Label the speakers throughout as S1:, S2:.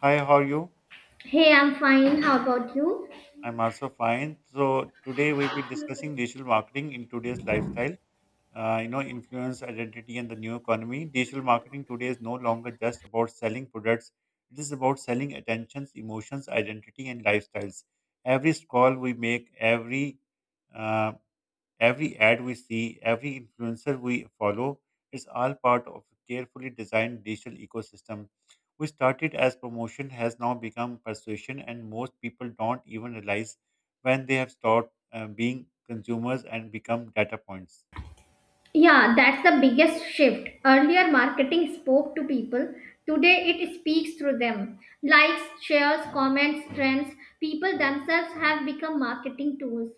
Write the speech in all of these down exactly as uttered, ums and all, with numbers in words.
S1: Hi, how are you?
S2: Hey, I'm fine. How about you?
S1: I'm also fine. So today we'll be discussing digital marketing in today's lifestyle. Uh, you know, influence, identity, and the new economy. Digital marketing today is no longer just about selling products. It is about selling attentions, emotions, identity, and lifestyles. Every scroll we make, every uh, every ad we see, every influencer we follow, is all part of a carefully designed digital ecosystem. We started as promotion has now become persuasion, and most people don't even realize when they have stopped uh, being consumers and become data points.
S2: Yeah, that's the biggest shift. Earlier, marketing spoke to people. Today, it speaks through them. Likes, shares, comments, trends. People themselves have become marketing tools.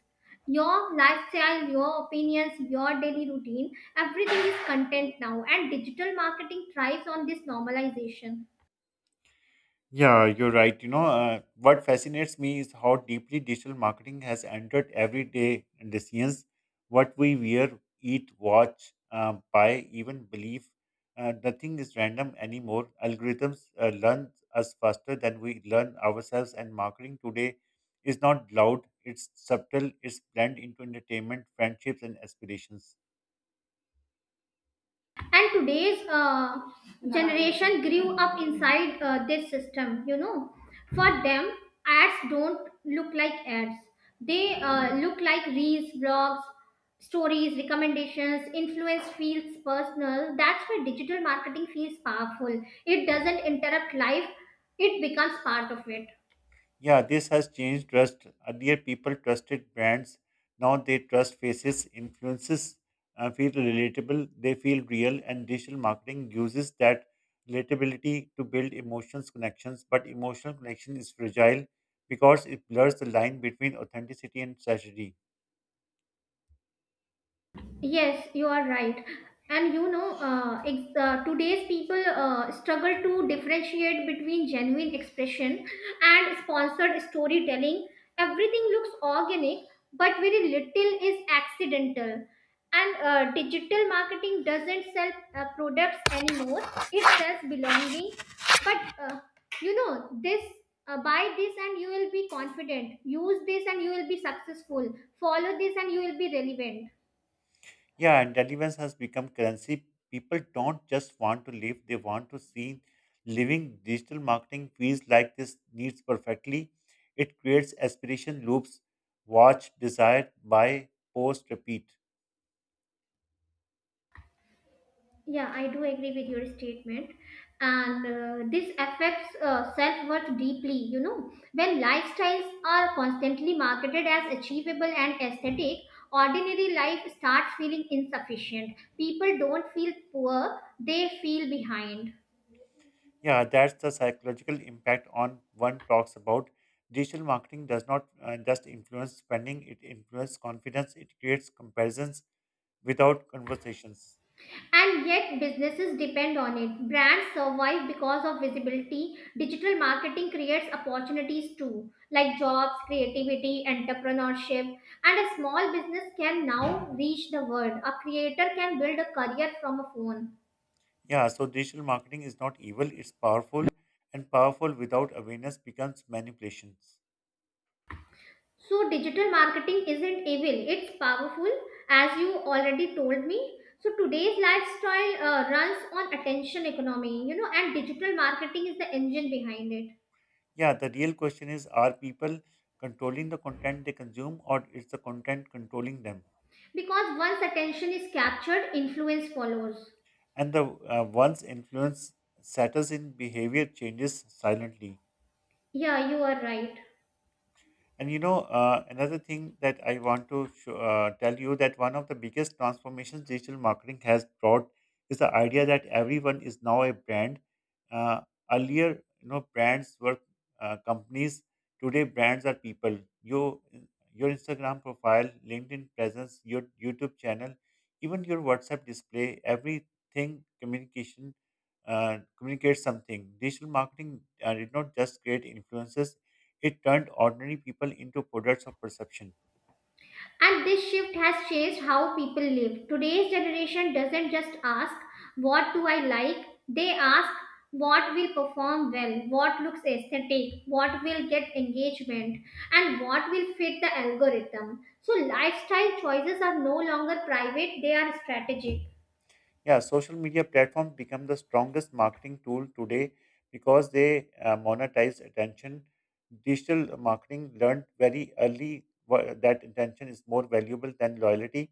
S2: Your lifestyle, your opinions, your daily routine, everything is content now, and digital marketing thrives on this normalization.
S1: Yeah, you're right. You know, uh, what fascinates me is how deeply digital marketing has entered everyday decisions. What we wear, eat, watch, uh, buy, even believe. Uh, nothing is random anymore. Algorithms uh, learn us faster than we learn ourselves, and marketing today is not loud, it's subtle, it's blended into entertainment, friendships, and aspirations.
S2: And today's uh, generation grew up inside uh, this system, you know, for them ads don't look like ads, they uh, look like reels, blogs, stories, recommendations. Influence feels personal. That's why digital marketing feels powerful. It doesn't interrupt life, it becomes part of it.
S1: Yeah, this has changed trust. Earlier, people trusted brands. Now they trust faces. Influences uh, feel relatable, they feel real, and digital marketing uses that relatability to build emotions connections. But emotional connection is fragile because it blurs the line between authenticity and tragedy.
S2: Yes, you are right. And you know, uh, ex- uh, today's people uh, struggle to differentiate between genuine expression and sponsored storytelling. Everything looks organic, but very little is accidental. And uh, digital marketing doesn't sell uh, products anymore, it sells belonging. But uh, you know, this uh, Buy this and you will be confident, use this and you will be successful, follow this and you will be relevant.
S1: Yeah, and relevance has become currency. People don't just want to live, they want to see living. Digital marketing feels like this needs perfectly. It creates aspiration loops watch, desire, buy, post, repeat.
S2: Yeah, I do agree with your statement. And uh, this affects uh, self worth deeply. You know, when lifestyles are constantly marketed as achievable and aesthetic, ordinary life starts feeling insufficient. People don't feel poor, they feel behind.
S1: Yeah, that's the psychological impact on one talks about. Digital marketing does not uh, just influence spending, it influences confidence, it creates comparisons without conversations.
S2: And yet, businesses depend on it. Brands survive because of visibility. Digital marketing creates opportunities too, like jobs, creativity, entrepreneurship. And a small business can now reach the world. A creator can build a career from a phone.
S1: Yeah, so digital marketing is not evil, it's powerful, and powerful without awareness becomes manipulations.
S2: So, digital marketing isn't evil, it's powerful, as you already told me. So, today's lifestyle uh, runs on attention economy, you know, and digital marketing is the engine behind it.
S1: Yeah, the real question is are people controlling the content they consume or is the content controlling them?
S2: Because once attention is captured, influence follows.
S1: And the uh, one's influence settles in behavior changes silently.
S2: Yeah, you are right.
S1: And you know, uh, another thing that I want to sh- uh, tell you that one of the biggest transformations digital marketing has brought is the idea that everyone is now a brand. Uh, Earlier, you know, brands were uh, companies. Today, brands are people. You, your Instagram profile, LinkedIn presence, your YouTube channel, even your WhatsApp display, everything communication uh, communicates something. Digital marketing uh, did not just create influences; it turned ordinary people into products of perception.
S2: And this shift has changed how people live. Today's generation doesn't just ask, "What do I like?" They ask, "What will perform well? What looks aesthetic? What will get engagement? And what will fit the algorithm?" So, lifestyle choices are no longer private, they are strategic.
S1: Yeah, social media platforms become the strongest marketing tool today because they uh, monetize attention. Digital marketing learned very early wha- that attention is more valuable than loyalty.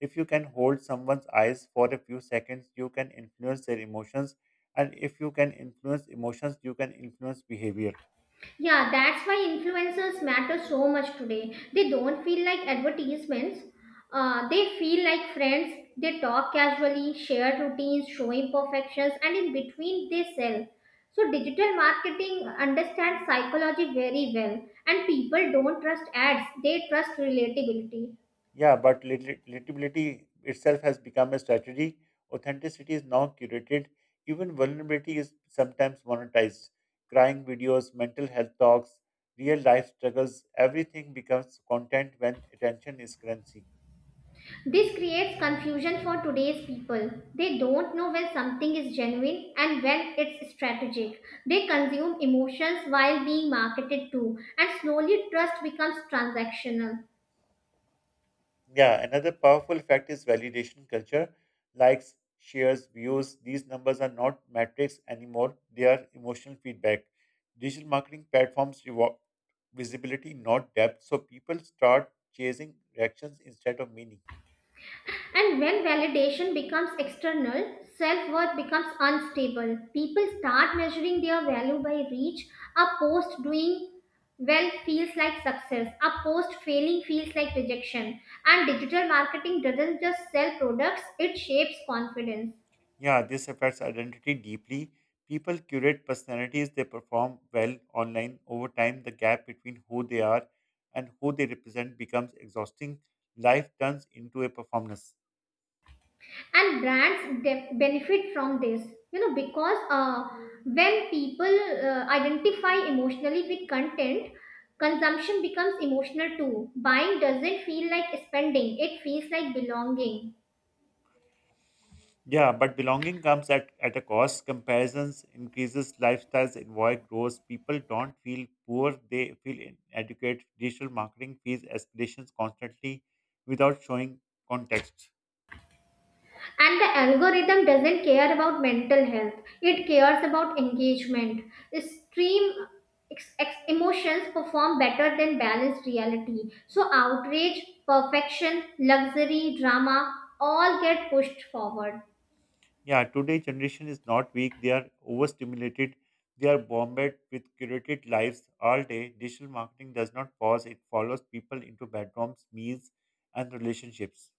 S1: If you can hold someone's eyes for a few seconds, you can influence their emotions. And if you can influence emotions, you can influence behavior.
S2: Yeah, that's why influencers matter so much today. They don't feel like advertisements. Uh, they feel like friends. They talk casually, share routines, show imperfections, and in between they sell. So digital marketing understands psychology very well, and people don't trust ads. They trust relatability.
S1: Yeah, but relat- relatability itself has become a strategy. Authenticity is now curated. Even vulnerability is sometimes monetized. Crying videos, mental health talks, real life struggles, everything becomes content when attention is currency.
S2: This creates confusion for today's people. They don't know when something is genuine and when it's strategic. They consume emotions while being marketed to, and slowly trust becomes transactional.
S1: Yeah, another powerful fact is validation culture. Likes, shares, views, these numbers are not metrics anymore, they are emotional feedback. Digital marketing platforms reward visibility, not depth, so people start chasing reactions instead of meaning.
S2: And when validation becomes external, self worth becomes unstable. People start measuring their value by reach. A post doing well feels like success, a post failing feels like rejection. And digital marketing doesn't just sell products, it shapes confidence.
S1: Yeah, this affects identity deeply. People curate personalities they perform well online. Over time, the gap between who they are and who they represent becomes exhausting. Life turns into a performance.
S2: And brands de- benefit from this, you know, because uh, when people uh, identify emotionally with content, consumption becomes emotional too. Buying doesn't feel like spending, it feels like belonging.
S1: Yeah, but belonging comes at, at a cost. Comparisons increases, lifestyles invoice grows. People don't feel poor, they feel inadequate. Digital marketing feeds aspirations constantly without showing context.
S2: And the algorithm doesn't care about mental health, it cares about engagement. Extreme ex- ex- emotions perform better than balanced reality, so outrage, perfection, luxury, drama all get pushed forward.
S1: Yeah, today generation is not weak, they are overstimulated. They are bombarded with curated lives all day. Digital marketing does not pause, it follows people into bedrooms, meals, and relationships.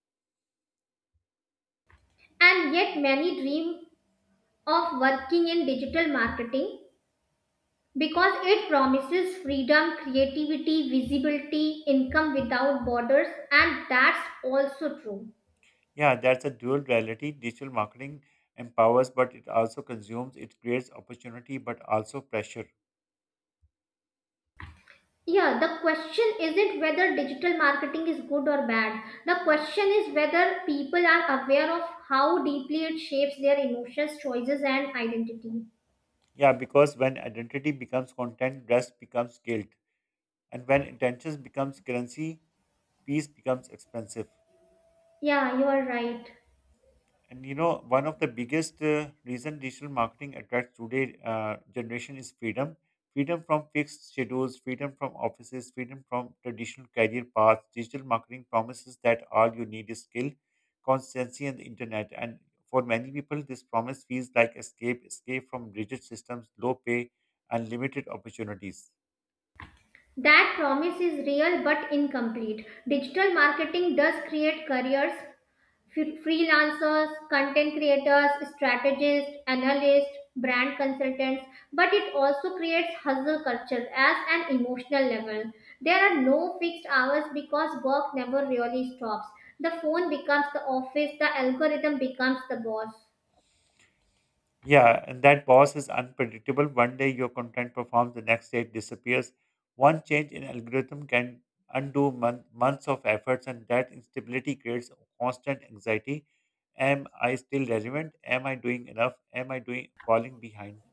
S2: And yet, many dream of working in digital marketing because it promises freedom, creativity, visibility, income without borders, and that's also true.
S1: Yeah, that's a dual reality. Digital marketing empowers, but it also consumes. It creates opportunity, but also pressure.
S2: Yeah, the question isn't whether digital marketing is good or bad. The question is whether people are aware of how deeply it shapes their emotions, choices, and identity.
S1: Yeah, because when identity becomes content, rest becomes guilt. And when intentions becomes currency, peace becomes expensive.
S2: Yeah, you are right.
S1: And you know, one of the biggest uh, reason digital marketing attracts today uh, generation is freedom. Freedom from fixed schedules, freedom from offices, freedom from traditional career paths. Digital marketing promises that all you need is skill, consistency, and the internet. And for many people, this promise feels like escape, escape from rigid systems, low pay, and limited opportunities.
S2: That promise is real but incomplete. Digital marketing does create careers, Fre- freelancers, content creators, strategists, analysts, brand consultants, but it also creates hustle culture as an emotional level. There are no fixed hours because work never really stops. The phone becomes the office, the algorithm becomes the boss.
S1: Yeah, and that boss is unpredictable. One day your content performs, the next day it disappears. One change in algorithm can undo mon- months of efforts, and that instability creates constant anxiety. Am I still relevant? Am I doing enough? Am I doing falling behind?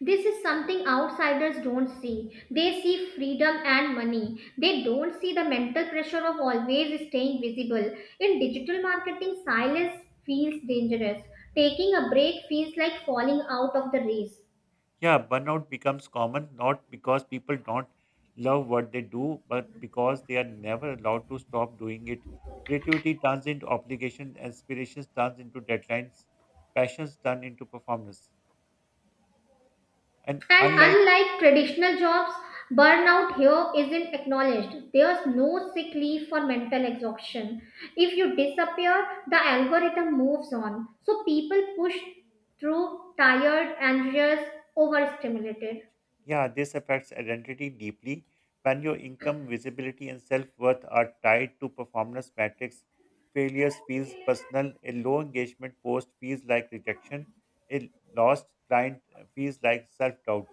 S2: This is something outsiders don't see. They see freedom and money. They don't see the mental pressure of always staying visible. In digital marketing, silence feels dangerous. Taking a break feels like falling out of the race.
S1: Yeah, burnout becomes common not because people don't love what they do, but because they are never allowed to stop doing it. Creativity turns into obligation, aspirations turns into deadlines, passions turn into performance. And
S2: And
S1: unlike,
S2: unlike traditional jobs, burnout here isn't acknowledged. There's no sick leave for mental exhaustion. If you disappear, the algorithm moves on. So people push through tired, anxious, overstimulated.
S1: yeah, this affects identity deeply. When your income, visibility, and self worth are tied to performance metrics, failures feels personal. A low engagement post feels like rejection. A lost client uh, feels like self doubt.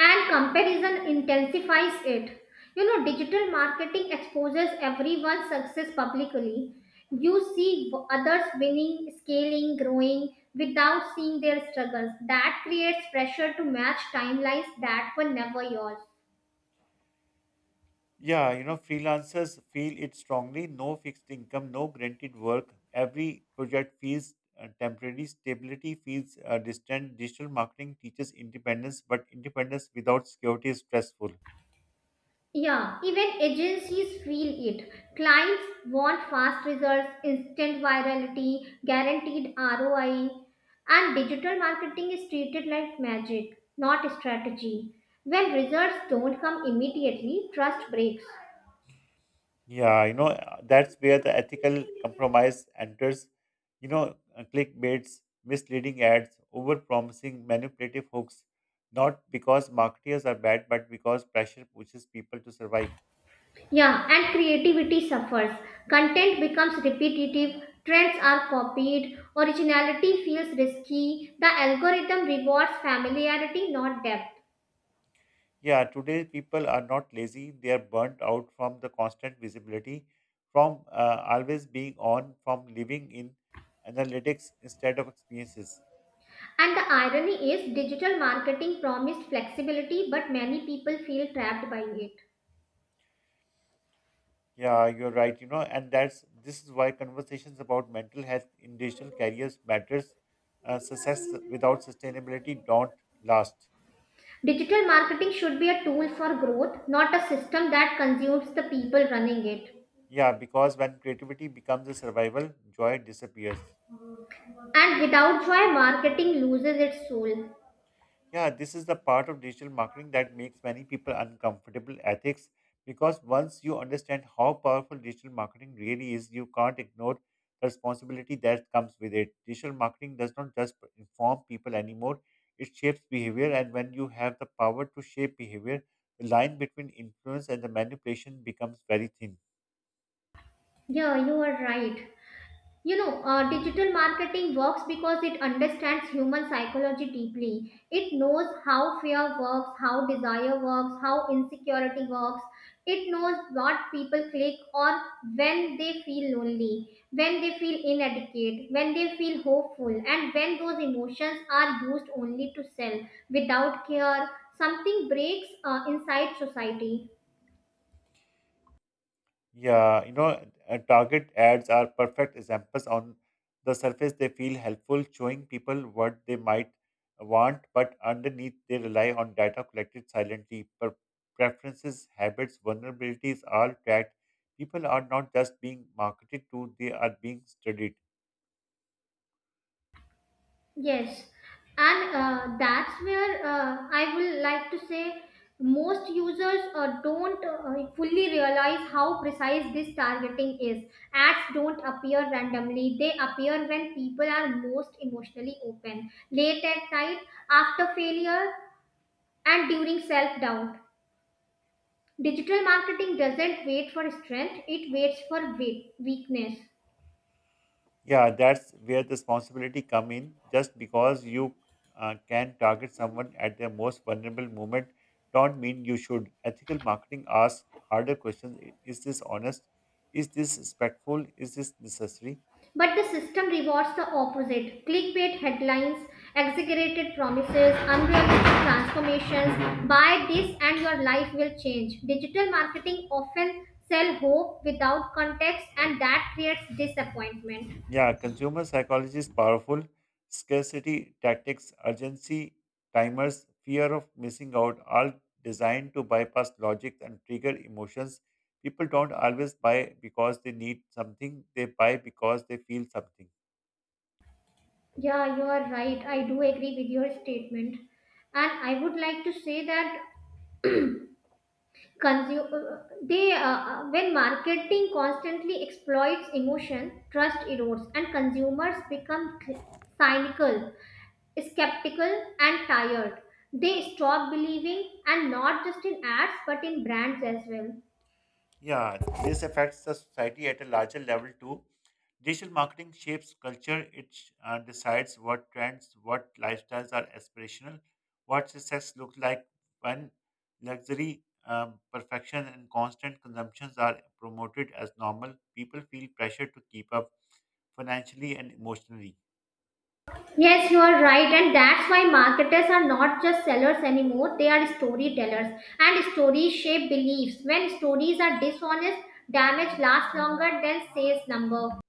S2: And comparison intensifies it. You know, digital marketing exposes everyone's success publicly. You see w- others winning, scaling, growing without seeing their struggles. That creates pressure to match timelines that were never yours.
S1: Yeah, you know, freelancers feel it strongly. No fixed income, no guaranteed work. Every project feels uh, temporary. Stability feels uh, distant. Digital marketing teaches independence, but independence without security is stressful.
S2: Yeah, even agencies feel it. Clients want fast results, instant virality, guaranteed R O I, and digital marketing is treated like magic, not strategy. When results don't come immediately, trust breaks.
S1: Yeah, you know, uh, that's where the ethical compromise enters. You know, uh, clickbaits, misleading ads, overpromising, manipulative hooks, not because marketers are bad, but because pressure pushes people to survive.
S2: Yeah, and creativity suffers. Content becomes repetitive, trends are copied, originality feels risky, the algorithm rewards familiarity, not depth.
S1: Yeah, today people are not lazy, they are burnt out from the constant visibility, from uh, always being on, from living in analytics instead of experiences.
S2: And the irony is, digital marketing promised flexibility, but many people feel trapped by it.
S1: Yeah, you're right. You know, and that's this is why conversations about mental health in digital careers matters. Uh, success without sustainability don't last.
S2: Digital marketing should be a tool for growth, not a system that consumes the people running it.
S1: Yeah, because when creativity becomes a survival, joy disappears.
S2: And without joy, marketing loses its soul.
S1: Yeah, this is the part of digital marketing that makes many people uncomfortable ethics because once you understand how powerful digital marketing really is, you can't ignore the responsibility that comes with it. Digital marketing does not just inform people anymore, it shapes behavior, and when you have the power to shape behavior, the line between influence and the manipulation becomes very thin.
S2: Yeah, you are right. You know, uh, digital marketing works because it understands human psychology deeply. It knows how fear works, how desire works, how insecurity works. It knows what people click on when they feel lonely, when they feel inadequate, when they feel hopeful, and when those emotions are used only to sell without care, something breaks uh, inside society.
S1: Yeah, you know, uh, target ads are perfect examples. On the surface, they feel helpful, showing people what they might want, but underneath, they rely on data collected silently. Per- preferences, habits, vulnerabilities all tracked. People are not just being marketed to, they are being studied.
S2: Yes, and uh, that's where uh, I will like to say most users uh, don't uh, fully realize how precise this targeting is. Ads don't appear randomly, they appear when people are most emotionally open, late at night, after failure, and during self doubt. Digital marketing doesn't wait for strength, it waits for wea- weakness.
S1: Yeah, that's where the responsibility come in. Just because you uh, can target someone at their most vulnerable moment, don't mean you should. Ethical marketing asks harder questions: I- Is this honest? Is this respectful? Is this necessary?
S2: But the system rewards the opposite: clickbait headlines, exaggerated promises, unrealistic transformations. Buy this and your life will change. Digital marketing often sell hope without context, and that creates disappointment.
S1: Yeah, consumer psychology is powerful. Scarcity tactics, urgency timers, fear of missing out, all designed to bypass logic and trigger emotions. People don't always buy because they need something, they buy because they feel something.
S2: Yeah, you are right. I do agree with your statement. And I would like to say that Consume, uh, they uh, uh, when marketing constantly exploits emotion, trust erodes, and consumers become cynical, skeptical, and tired. They stop believing, and not just in ads, but in brands as well.
S1: Yeah, this affects the society at a larger level too. Digital marketing shapes culture. It uh, decides what trends, what lifestyles are aspirational, what success looks like when luxury, um, perfection, and constant consumptions are promoted as normal. People feel pressure to keep up financially and emotionally.
S2: Yes, you are right, and that's why marketers are not just sellers anymore, they are storytellers. And stories shape beliefs. When stories are dishonest, damage lasts longer than sales number.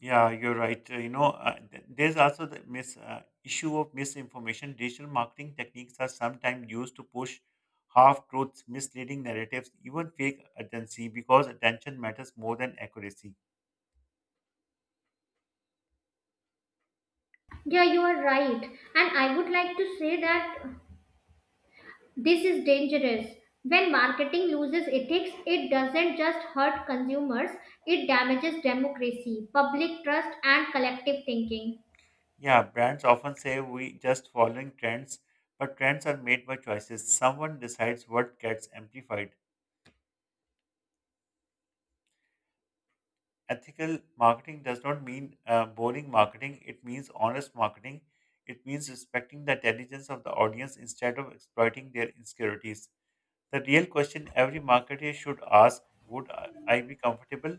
S1: Yeah, you're right. Uh, you know, uh, th- There's also the mis- uh, issue of misinformation. Digital marketing techniques are sometimes used to push half truths, misleading narratives, even fake urgency, because attention matters more than accuracy.
S2: Yeah, you are right. And I would like to say that this is dangerous. When marketing loses ethics, it doesn't just hurt consumers, it damages democracy, public trust, and collective thinking.
S1: Yeah, brands often say we just following trends, but trends are made by choices. Someone decides what gets amplified. Ethical marketing does not mean uh, boring marketing. It means honest marketing. It means respecting the intelligence of the audience instead of exploiting their insecurities. The real question every marketer should ask would I I be comfortable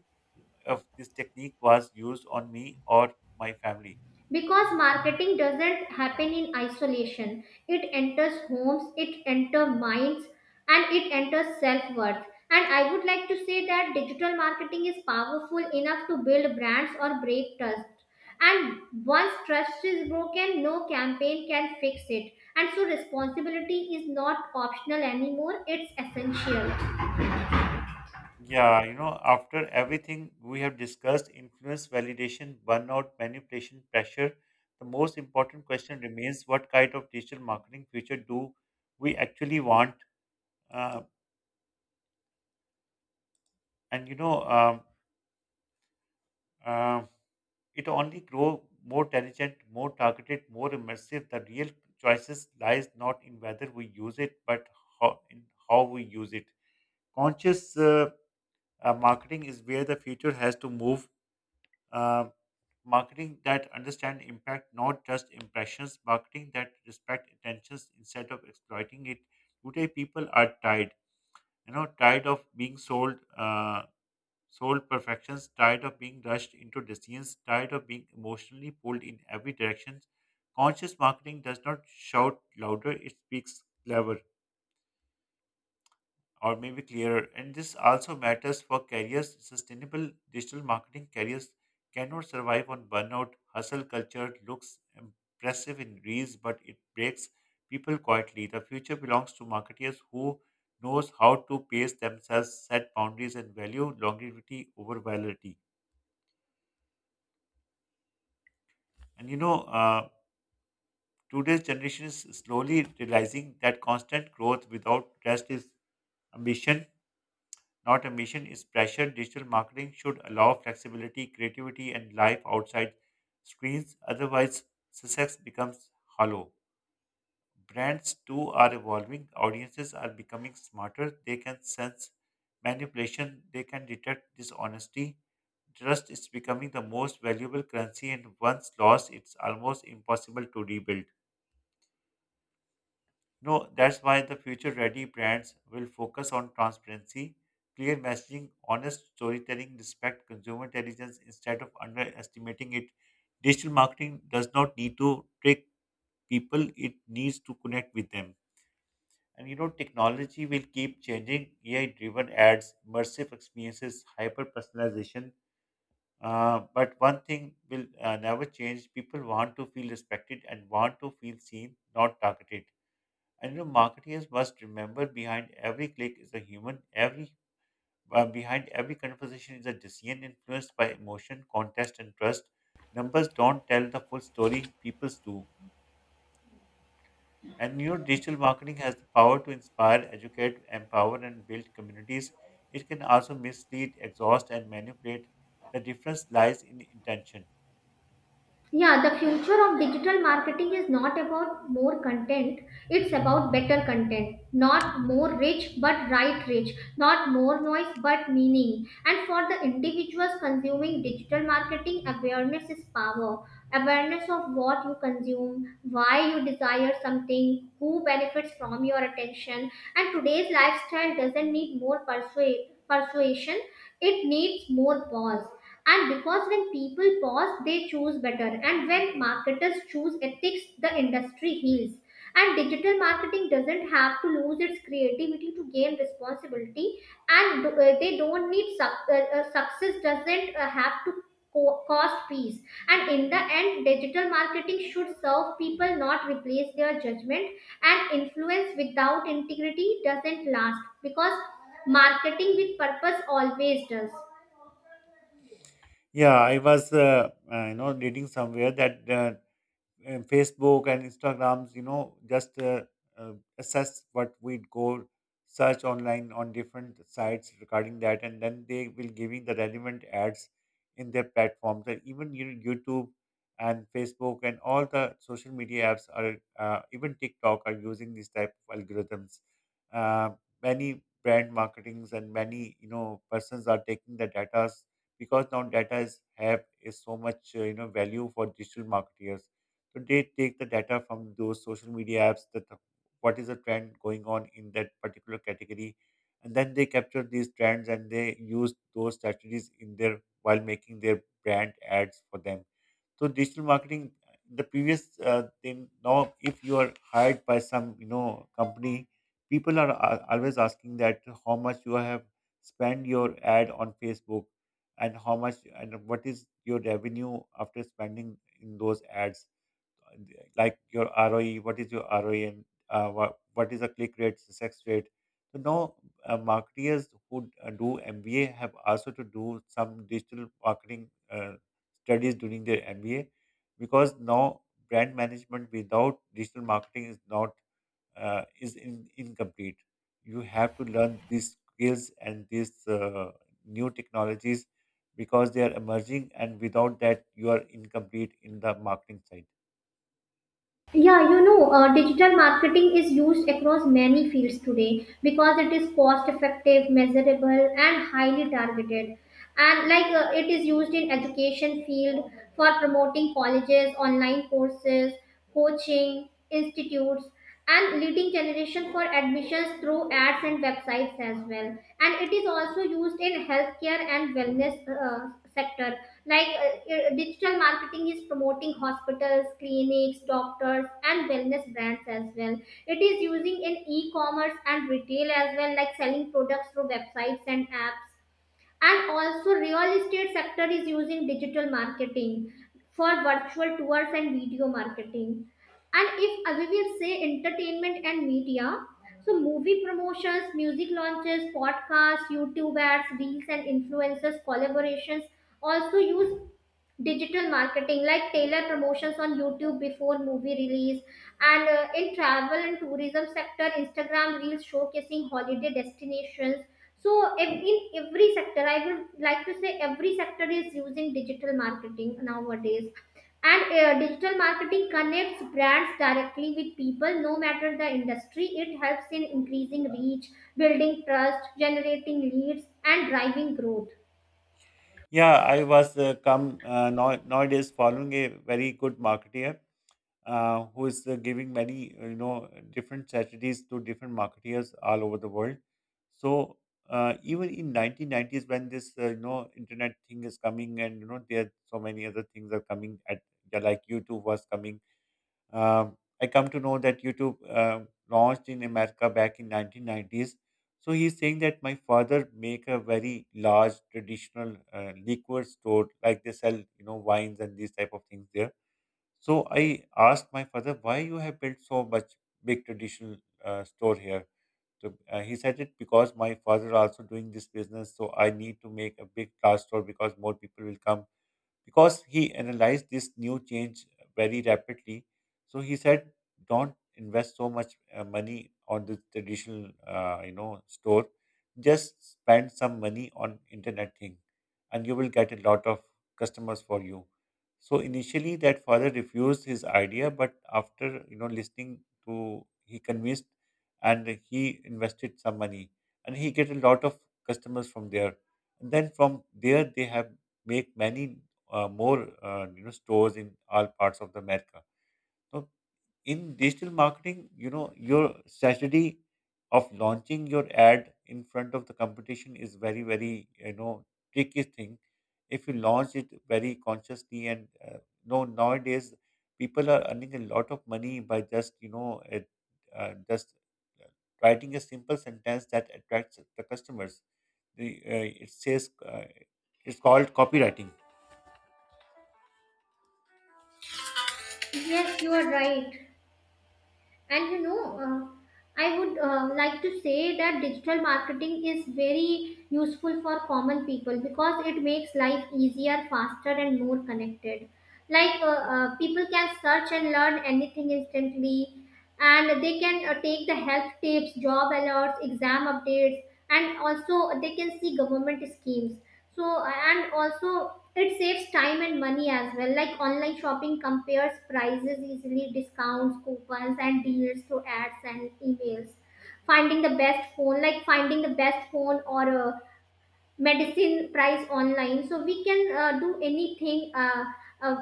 S1: if this technique was used on me or my family?
S2: Because marketing doesn't happen in isolation, it enters homes, it enters minds, and it enters self-worth. And I would like to say that digital marketing is powerful enough to build brands or break trust, and once trust is broken, no campaign can fix it. And so responsibility is not optional anymore, it's essential.
S1: Yeah, you know, after everything we have discussed influence, validation, burnout, manipulation, pressure the most important question remains what kind of digital marketing future do we actually want? Uh, and you know um, uh, it only grow more intelligent more targeted more immersive the real choices lies not in whether we use it but how, in how we use it conscious uh, uh, marketing is where the future has to move uh, marketing that understand impact not just impressions marketing that respect intentions instead of exploiting it today people are tired you know tired of being sold uh, soul perfections, tired of being rushed into decisions, tired of being emotionally pulled in every direction. Conscious marketing does not shout louder, it speaks clever or maybe clearer. And this also matters for careers. Sustainable digital marketing careers cannot survive on burnout. Hustle culture looks impressive in reels, but it breaks people quietly. The future belongs to marketeers who knows how to pace themselves, set boundaries, and value longevity over virality. And you know, uh, today's generation is slowly realizing that constant growth without rest is ambition, not ambition is pressure. Digital marketing should allow flexibility, creativity, and life outside screens. Otherwise, success becomes hollow. Brands too are evolving. Audiences are becoming smarter. They can sense manipulation. They can detect dishonesty. Trust is becoming the most valuable currency, and once lost, it's almost impossible to rebuild. No, that's why the future ready brands will focus on transparency, clear messaging, honest storytelling, respect consumer intelligence instead of underestimating it. Digital marketing does not need to trick people, it needs to connect with them. And you know, technology will keep changing A I driven ads, immersive experiences, hyper personalization. Uh, but one thing will uh, never change. People want to feel respected and want to feel seen, not targeted. And you know, marketeers must remember, behind every click is a human. Every uh, Behind every conversation is a decision influenced by emotion, context, and trust. Numbers don't tell the full story; people's do. And you know, digital marketing has the power to inspire, educate, empower, and build communities. It can also mislead, exhaust, and manipulate. The difference lies in intention.
S2: Yeah, the future of digital marketing is not about more content, it's about better content. Not more rich, but right rich. Not more noise, but meaning. And for the individuals consuming digital marketing, awareness is power. Awareness of what you consume, why you desire something, who benefits from your attention. And today's lifestyle doesn't need more persua- persuasion, it needs more pause. And because when people pause, they choose better. And when marketers choose ethics, the industry heals. And digital marketing doesn't have to lose its creativity to gain responsibility. And uh, they don't need suc- uh, uh, success doesn't uh, have to co- cost peace. And in the end, digital marketing should serve people, not replace their judgment. And influence without integrity doesn't last, because marketing with purpose always does.
S1: Yeah, I was, uh, uh, you know, reading somewhere that uh, and Facebook and Instagrams, you know, just uh, uh, assess what we'd go search online on different sites regarding that, and then they will giving the relevant ads in their platforms. And even you know, YouTube and Facebook and all the social media apps are uh, even TikTok are using these type of algorithms. Uh, Many brand marketings and many you know persons are taking the data because now data is have is so much uh, you know value for digital marketers, so they take the data from those social media apps that the- what is the trend going on in that particular category, and then they capture these trends and they use those strategies in their while making their brand ads for them. So digital marketing, uh, the previous uh, thing now, if you are hired by some you know company, people are a- always asking that how much you have spent your ad on Facebook and how much and what is your revenue after spending in those ads, like your R O E, what is your R O E and uh, what, what is the click rate, success rate. So now uh, marketers who uh, do M B A have also to do some digital marketing uh, studies during their M B A, because now brand management without digital marketing is not uh, is in, incomplete. You have to learn these skills and these uh, new technologies, because they are emerging and without that you are incomplete in the marketing side.
S2: Yeah, you know, uh, digital marketing is used across many fields today because it is cost effective, measurable, and highly targeted. And like uh, it is used in education field for promoting colleges, online courses, coaching institutes, and leading generation for admissions through ads and websites as well. And it is also used in healthcare and wellness uh, sector, like uh, uh, digital marketing is promoting hospitals, clinics, doctors, and wellness brands as well. It is using in e-commerce and retail as well, like selling products through websites and apps. And also real estate sector is using digital marketing for virtual tours and video marketing. And if uh, we will say entertainment and media, so movie promotions, music launches, podcasts, YouTube ads, reels, and influencers collaborations also use digital marketing, like tailor promotions on YouTube before movie release. And uh, in travel and tourism sector, Instagram reels showcasing holiday destinations. So ev- in every sector, I would like to say every sector is using digital marketing nowadays. And uh, digital marketing connects brands directly with people no matter the industry. It helps in increasing reach, building trust, generating leads, and driving growth.
S1: Yeah, I was uh, come uh, now, nowadays following a very good marketeer, uh, who is uh, giving many uh, you know different strategies to different marketeers all over the world. So uh, even in nineteen nineties when this uh, you know internet thing is coming and you know there are so many other things are coming at, yeah, like YouTube was coming. um, I come to know that YouTube uh, launched in America back in nineteen nineties. So he's saying that my father make a very large traditional uh, liquor store, like they sell you know wines and these type of things there. So I asked my father, why you have built so much big traditional uh, store here. So uh, he said it because my father also doing this business, so I need to make a big large store because more people will come, because he analyzed this new change very rapidly. So he said, "Don't invest so much uh, money on the traditional, uh, you know, store. Just spend some money on internet thing, and you will get a lot of customers for you." So initially, that father refused his idea, but after you know listening to, he convinced, and he invested some money, and he get a lot of customers from there. And then from there, they have make many uh, more uh, you know stores in all parts of the America. So in digital marketing, you know your strategy of launching your ad in front of the competition is very very you know tricky thing. If you launch it very consciously and uh, no nowadays people are earning a lot of money by just you know it, uh, just uh, writing a simple sentence that attracts the customers. The, uh, it says uh, it's called copywriting.
S2: Yes, you are right. And you know, uh, I would uh, like to say that digital marketing is very useful for common people because it makes life easier, faster, and more connected. Like uh, uh, people can search and learn anything instantly, and they can uh, take the health tips, job alerts, exam updates, and also they can see government schemes. So and also it saves time and money as well, like online shopping, compares prices easily, discounts, coupons, and deals through ads and emails. Finding the best phone Like finding the best phone or uh, medicine price online. So we can uh, do anything. Uh, uh,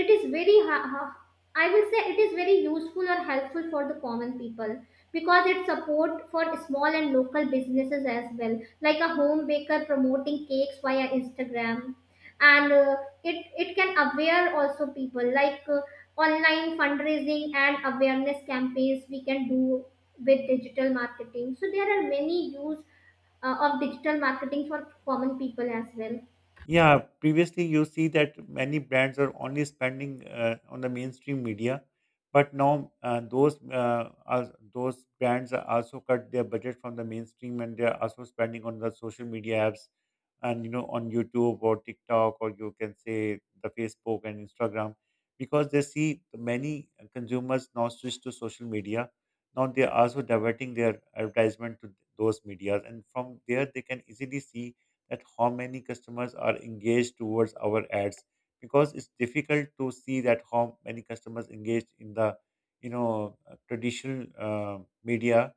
S2: it is very ha- ha- I will say it is very useful or helpful for the common people, because it support for small and local businesses as well, like a home baker promoting cakes via Instagram. And uh, it it can aware also people, like uh, online fundraising and awareness campaigns we can do with digital marketing. So there are many use uh, of digital marketing for common people as well.
S1: Yeah, previously you see that many brands are only spending uh, on the mainstream media, but now uh, those uh, are, those brands are also cut their budget from the mainstream and they are also spending on the social media apps and you know on YouTube or TikTok, or you can say the Facebook and Instagram, because they see many consumers now switch to social media. Now they are also diverting their advertisement to those medias, and from there they can easily see that how many customers are engaged towards our ads, because it's difficult to see that how many customers engaged in the you know uh, traditional uh, media.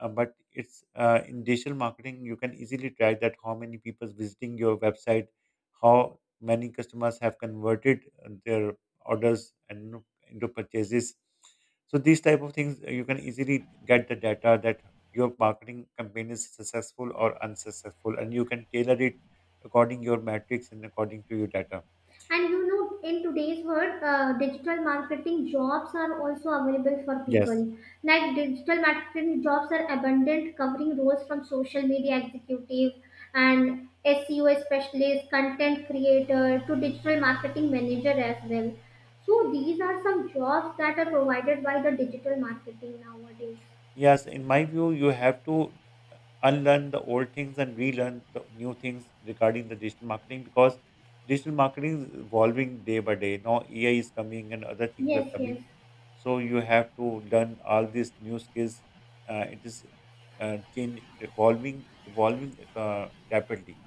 S1: Uh, but it's uh, in digital marketing you can easily track that how many people visiting your website, how many customers have converted uh, their orders and into purchases. So these type of things uh, you can easily get the data that your marketing campaign is successful or unsuccessful, and you can tailor it according your metrics and according to your data.
S2: And you know, in today's world, uh, digital marketing jobs are also available for
S1: Yes.
S2: people. Like digital marketing jobs are abundant, covering roles from social media executive and S E O specialist, content creator to digital marketing manager as well. So these are some jobs that are provided by the digital marketing nowadays.
S1: Yes, in my view, you have to unlearn the old things and relearn the new things regarding the digital marketing, because digital marketing is evolving day by day. Now A I is coming and other things are
S2: Yes,
S1: coming.
S2: yes.
S1: So you have to learn all these new skills. Uh, it is uh, change evolving, evolving uh, rapidly.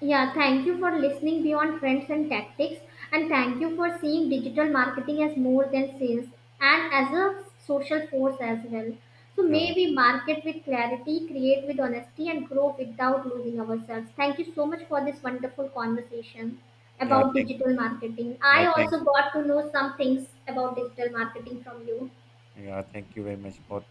S2: Yeah, thank you for listening beyond trends and tactics, and thank you for seeing digital marketing as more than sales and as a social force as well. So, may
S1: Yeah.
S2: we market with clarity, create with honesty, and grow without losing ourselves. Thank you so much for this wonderful conversation
S1: Yeah.
S2: about
S1: Thank.
S2: digital marketing.
S1: Yeah.
S2: I
S1: Thank.
S2: also got to know some things about digital marketing from you.
S1: Yeah. Thank you very much for